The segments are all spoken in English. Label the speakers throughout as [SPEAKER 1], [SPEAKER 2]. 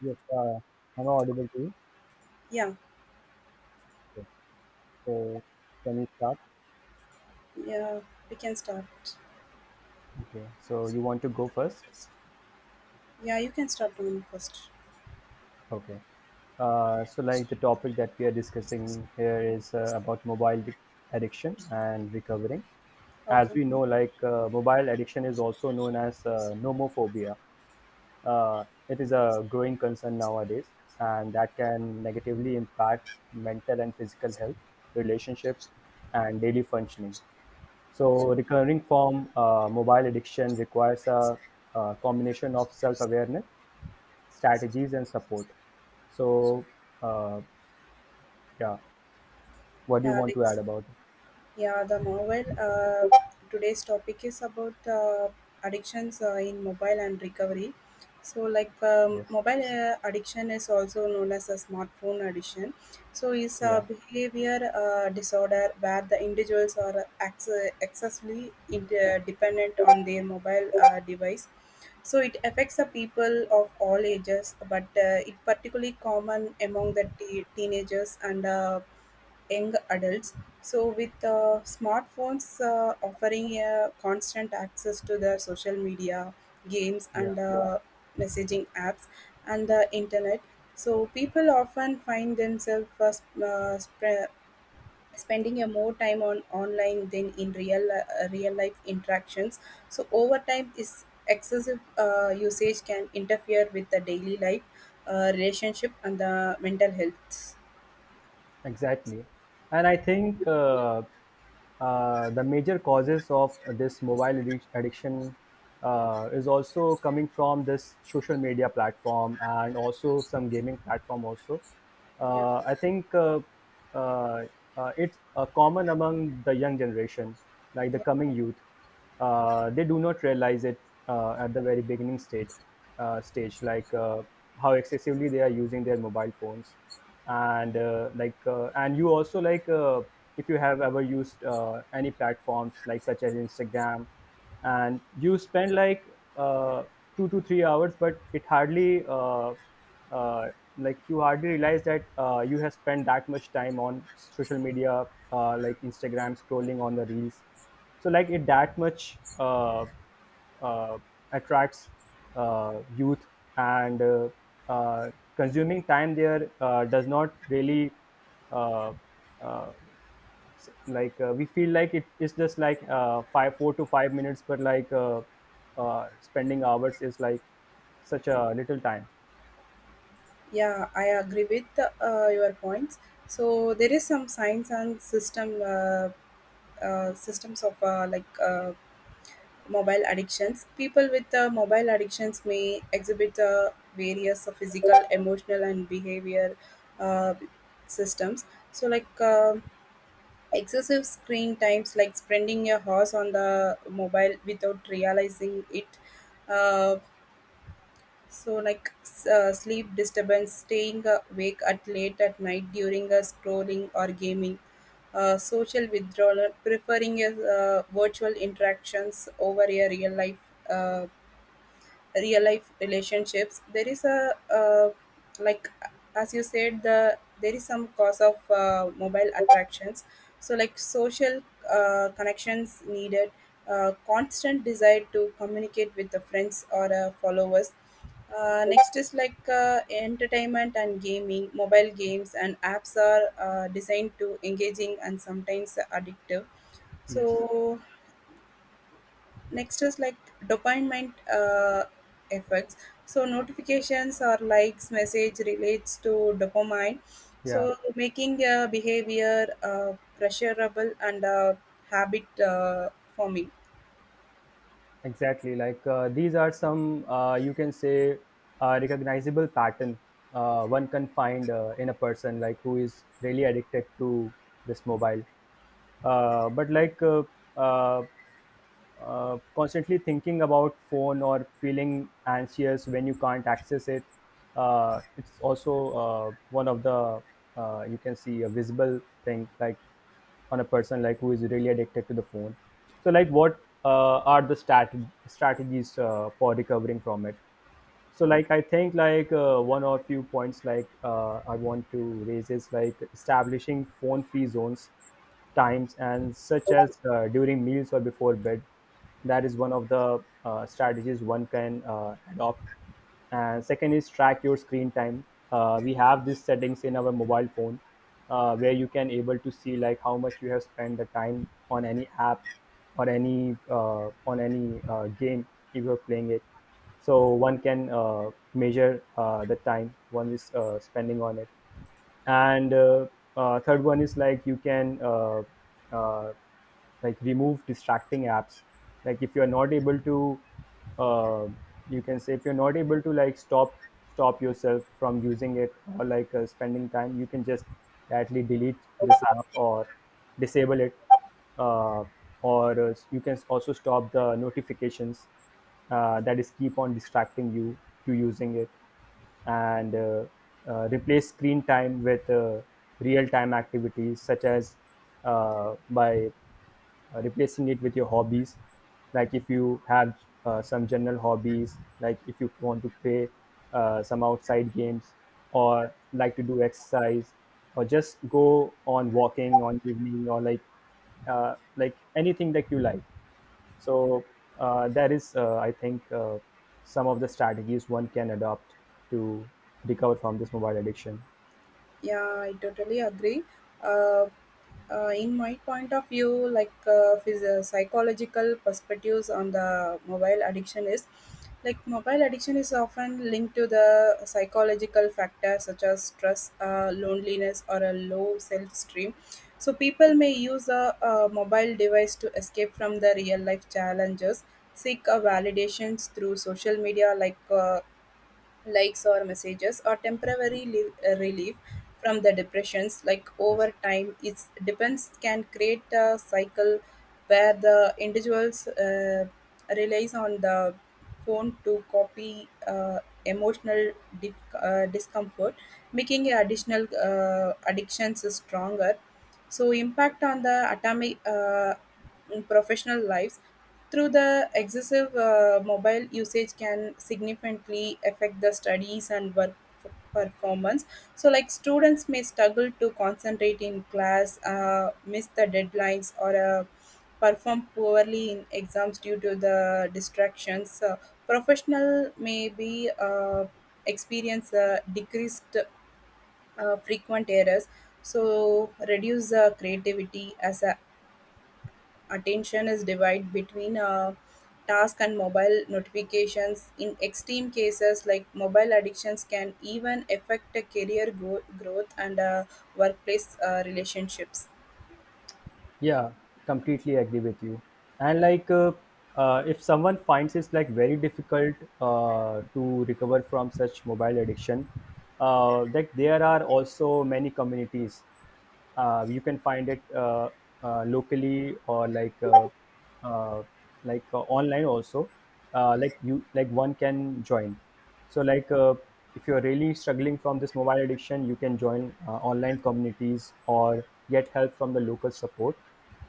[SPEAKER 1] Yes, am I audible to you?
[SPEAKER 2] Yeah,
[SPEAKER 1] Yes. So can you start?
[SPEAKER 2] yeah, we can start.
[SPEAKER 1] Okay. So you want to go first?
[SPEAKER 2] Yeah, you can start doing first.
[SPEAKER 1] Okay. So like the topic that we are discussing here is about mobile addiction and recovering. As
[SPEAKER 2] Okay,
[SPEAKER 1] we know, like mobile addiction is also known as nomophobia. Uh, it is a growing concern nowadays, and that can negatively impact mental and physical health, relationship, and daily functioning.
[SPEAKER 2] okay.
[SPEAKER 1] So, recovering from mobile addiction requires a combination of self awareness, strategies, and support. So, uh, yeah, what do you
[SPEAKER 2] Yeah,
[SPEAKER 1] want to add
[SPEAKER 2] next.
[SPEAKER 1] about it?
[SPEAKER 2] Yeah, the mobile. Today's topic is about addictions in mobile and recovery. So, like
[SPEAKER 1] Yes,
[SPEAKER 2] mobile addiction is also known as a smartphone addiction. So, it's a
[SPEAKER 1] yeah,
[SPEAKER 2] behavior disorder where the individuals are excessively dependent on their mobile device. So, it affects the people of all ages, but it particularly common among the teenagers and young adults. So, with smartphones offering constant access to the social media, games,
[SPEAKER 1] yeah.
[SPEAKER 2] and messaging apps, and the internet, so people often find themselves spending a more time on online than in real life interactions. So, over time, this excessive usage can interfere with the daily life, relationship, and the mental health.
[SPEAKER 1] Exactly. And I think the major causes of this mobile addiction is also coming from this social media platform and also some gaming platform also.
[SPEAKER 2] Yeah.
[SPEAKER 1] I think uh, it's common among the young generation, like the coming youth, they do not realize it at the very beginning state stage, like how excessively they are using their mobile phones. And like, and you also, like if you have ever used any platforms like, such as Instagram, and you spend like 2 to 3 hours, but it hardly uh, like, you hardly realize that you have spent that much time on social media, like Instagram, scrolling on the reels. So like, it that much uh, attracts youth, and consuming time there does not really uh, uh, like, we feel like it is just like five four to 5 minutes, but like, spending hours is like such a little time.
[SPEAKER 2] Yeah, I agree with your points. So there is some science and systems of mobile addictions. People with mobile addictions may exhibit various physical, emotional, and behavior uh, systems. So like excessive screen times, like spending a hours on the mobile without realizing it. Uh, so, like sleep disturbance, staying awake at late at night during a scrolling or gaming, social withdrawal, preferring a, virtual interactions over a real life. Uh, Real life relationships there is a like as you said there is some cause of mobile attractions, so like social connections needed, constant desire to communicate with the friends or followers. Next is like entertainment and gaming mobile games and apps are designed to engaging and sometimes addictive.
[SPEAKER 1] Yes.
[SPEAKER 2] So next is like dopamine effects, so notifications or likes message relates to dopamine,
[SPEAKER 1] Yeah.
[SPEAKER 2] so making a behavior pressurable and habit forming.
[SPEAKER 1] Exactly. Like, these are some, you can say, recognizable pattern one can find in a person, like, who is really addicted to this mobile. But uh, constantly thinking about phone or feeling anxious when you can't access it, it's also one of the you can see a visible thing, like, on a person, like, who is really addicted to the phone. So like, what are the strategies for recovering from it? So like, I think, like, one or few points, like, I want to raise is like, establishing phone free zones, times, and such as during meals or before bed. That is one of the strategies one can adopt. And second is, track your screen time. We have these settings in our mobile phone where you can able to see, like, how much you have spent the time on any app or any on any game, if you're playing it. So one can measure the time one is spending on it. And third one is, like, you can uh, like, remove distracting apps. Like, if you're not able to uh, you can say, if you're not able to, like, stop yourself from using it, or like, spending time, you can just directly delete this app or disable it. Uh, or uh, you can also stop the notifications that is keep on distracting you to using it. And replace screen time with real time activities, such as by replacing it with your hobbies. Like, if you have some general hobbies, like, if you want to play some outside games, or like, to do exercise, or just go on walking on evening, or like, like, anything that you like. So that is, I think, some of the strategies one can adopt to recover from this mobile addiction.
[SPEAKER 2] Yeah, I totally agree. Uh, in my point of view, like psychological perspectives on the mobile addiction is like mobile addiction is often linked to the psychological factors such as stress, loneliness, or a low self esteem. So people may use a mobile device to escape from the real life challenges, seek a validations through social media like. Likes or messages or temporary relief from the depressions, like
[SPEAKER 1] Yes.
[SPEAKER 2] over time its depends can create a cycle where the individuals relies on the phone to copy emotional di- discomfort, making additional addictions stronger. So impact on the professional lives through the excessive mobile usage can significantly affect the studies and work performance. So like students may struggle to concentrate in class, miss the deadlines or perform poorly in exams due to the distractions. Professional may be experience a decreased frequent errors, so reduce creativity as attention is divided between task and mobile notifications. In extreme cases like mobile addictions can even affect a career growth and workplace relationships.
[SPEAKER 1] Yeah, completely agree with you. And like, if someone finds it's like very difficult to recover from such mobile addiction, like, there are also many communities. You can find it locally, or like, uh, like, online also. Like you, like one can join. So like, if you're really struggling from this mobile addiction, you can join online communities or get help from the local support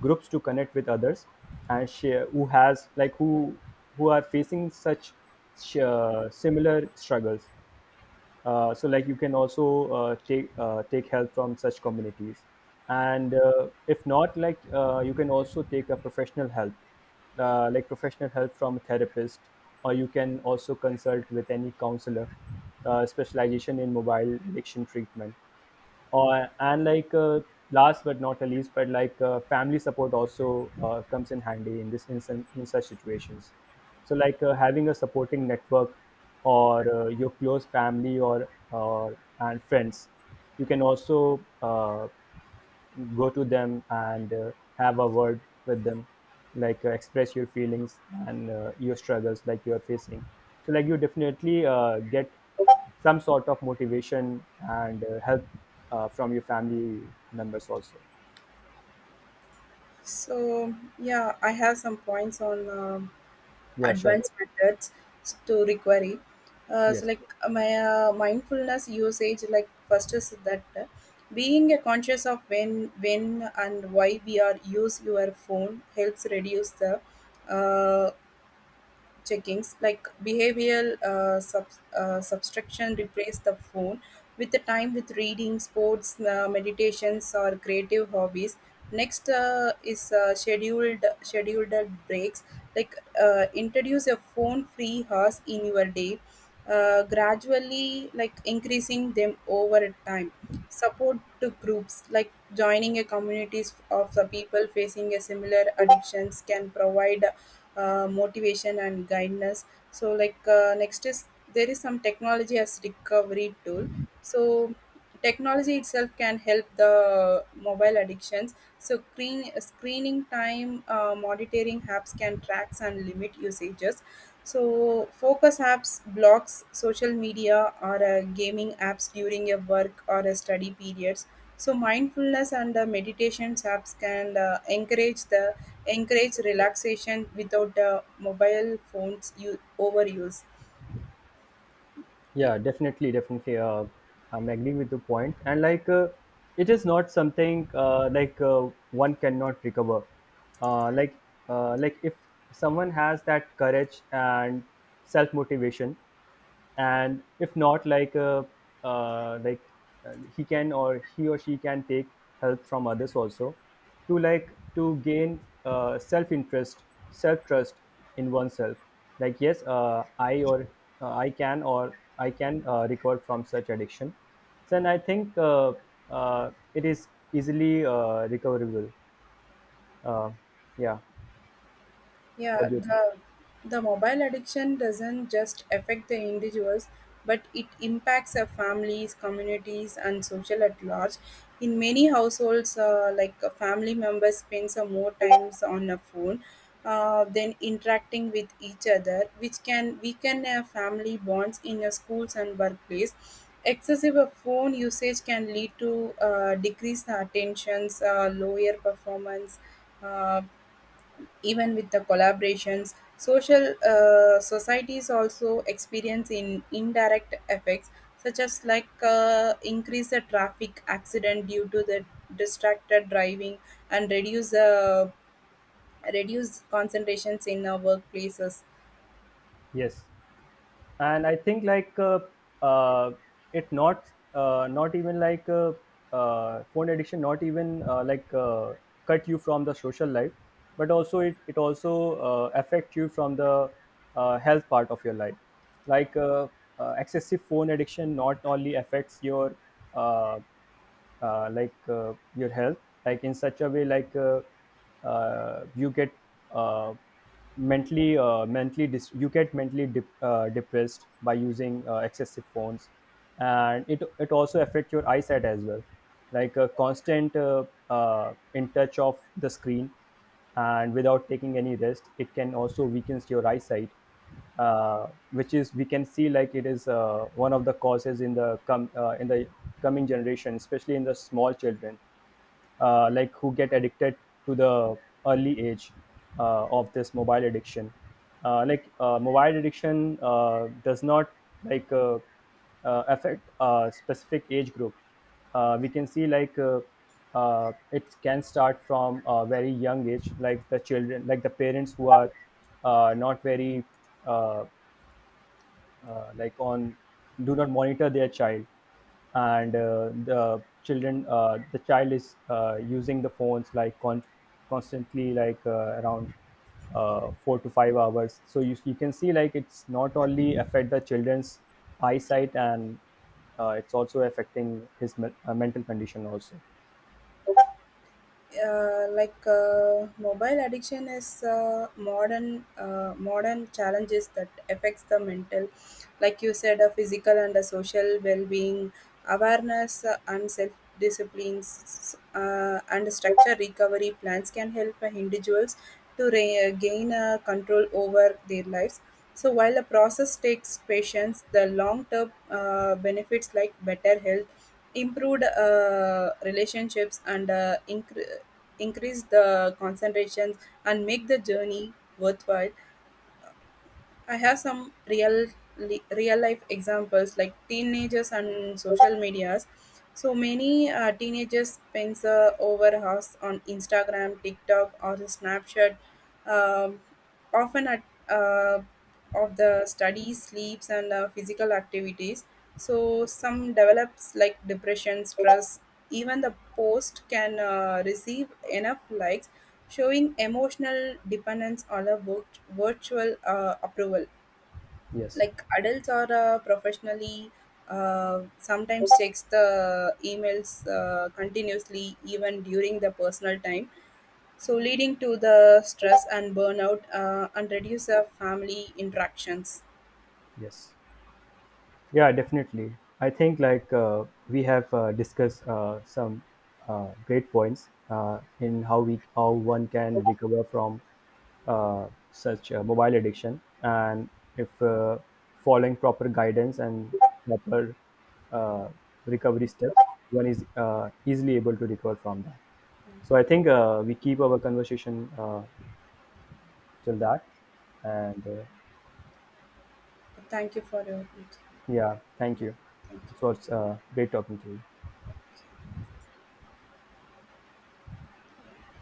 [SPEAKER 1] groups to connect with others and share, who has like who are facing such, similar struggles. So like, you can also take help from such communities. And if not, like, you can also take a professional help. Like, professional help from a therapist, or you can also consult with any counselor specialization in mobile addiction treatment. Or and like, last but not the least, but like, family support also comes in handy in this instant, in such situations. So like, having a supporting network or your close family, or and friends, you can also go to them and have a word with them, like, express your feelings and your struggles, like, you are facing. So like, you definitely get some sort of motivation and help from your family members also.
[SPEAKER 2] So yeah I have some points on
[SPEAKER 1] Yeah, sure.
[SPEAKER 2] advanced methods to recovery. So
[SPEAKER 1] Yes.
[SPEAKER 2] like my mindfulness usage, like first is that being conscious of when and why we are use your phone helps reduce the uh, checkings like behavioral subtraction, replace the phone with the time with reading sports, meditations or creative hobbies. Next is scheduled breaks, like introduce a phone free hours in your day, gradually like increasing them over time. Support to groups like joining a communities of the people facing a similar addictions can provide motivation and guidance. So like next is there is some technology as recovery tool, so technology itself can help the mobile addictions. So screening time monitoring apps can track and limit usages. So focus apps blocks social media or gaming apps during your work or a study periods. So mindfulness and meditation apps can encourage the encourage relaxation without the mobile phones overuse.
[SPEAKER 1] Yeah, definitely, I'm agreeing with the point. And like, it is not something, one cannot recover, uh, like if someone has that courage and self motivation. And if not, like, uh, like he can, or he or she can take help from others also, to like, to gain self interest, self trust in oneself. Like, yes, I or I can or I can recover from such addiction. Then I think, it is easily recoverable. uh, yeah,
[SPEAKER 2] Yeah,
[SPEAKER 1] what do you think?
[SPEAKER 2] the mobile addiction doesn't just affect the individuals, but it impacts our families, communities, and social at large. In many households, like a family member spends more times on a phone than interacting with each other, which can weaken family bonds in schools and workplace. Excessive phone usage can lead to decreased attentions, lower performance, uh, even with the collaborations, social societies also experience in indirect effects, such as like increase the traffic accident due to the distracted driving and reduce concentrations in our workplaces.
[SPEAKER 1] Yes. And I think like, uh, it not, not even like, phone addiction, not even like, cut you from the social life, but also it also affect you from the health part of your life. Like, excessive phone addiction not only affects your uh, your health. Like, in such a way, like, you get uh, mentally depressed by using excessive phones. And it also affects your eyesight as well. Like, a constant in touch of the screen, and without taking any rest, it can also weakens your eyesight, which is, we can see, like, it is one of the causes in the, in the coming generation, especially in the small children. Like, who get addicted to the early age of this mobile addiction. Like, mobile addiction does not, like, affect a specific age group. We can see, like, it can start from a very young age, like, the children, like the parents who are not very uh, like on, do not monitor their child, and the children, the child is using the phones, like, constantly, like around 4 to 5 hours. So you can see, like, it's not only affect the children's eyesight, and it's also affecting his, mental condition also.
[SPEAKER 2] Mobile addiction is modern challenges that affects the mental, like you said a physical and a social well-being. Awareness and self disciplines and structure recovery plans can help individuals to gain control over their lives. So while the process takes patience, the long-term benefits like better health, improved relationships, and increase the concentrations and make the journey worthwhile. I have some real life examples, like teenagers and social medias. So many teenagers spends over hours on Instagram, TikTok, or Snapchat, um, often at uh, of the studies, sleeps, and physical activities. So
[SPEAKER 1] Yes.
[SPEAKER 2] some develops like depression, stress, even the post can receive enough likes, showing emotional dependence on a virtual approval.
[SPEAKER 1] Yes.
[SPEAKER 2] Like adults are professionally sometimes checks the emails continuously even during the personal time, so leading to the stress and burnout and reduce the family interactions.
[SPEAKER 1] Yes. Yeah, definitely. I think like, we have discussed some great points, in how we, how one can recover from such mobile addiction. And if following proper guidance and proper uh, recovery steps, one is easily able to recover from that. So I think, we keep our conversation till that, and
[SPEAKER 2] Thank you for your input.
[SPEAKER 1] yeah, thank you.
[SPEAKER 2] Thank
[SPEAKER 1] It
[SPEAKER 2] you.
[SPEAKER 1] was great talking to you.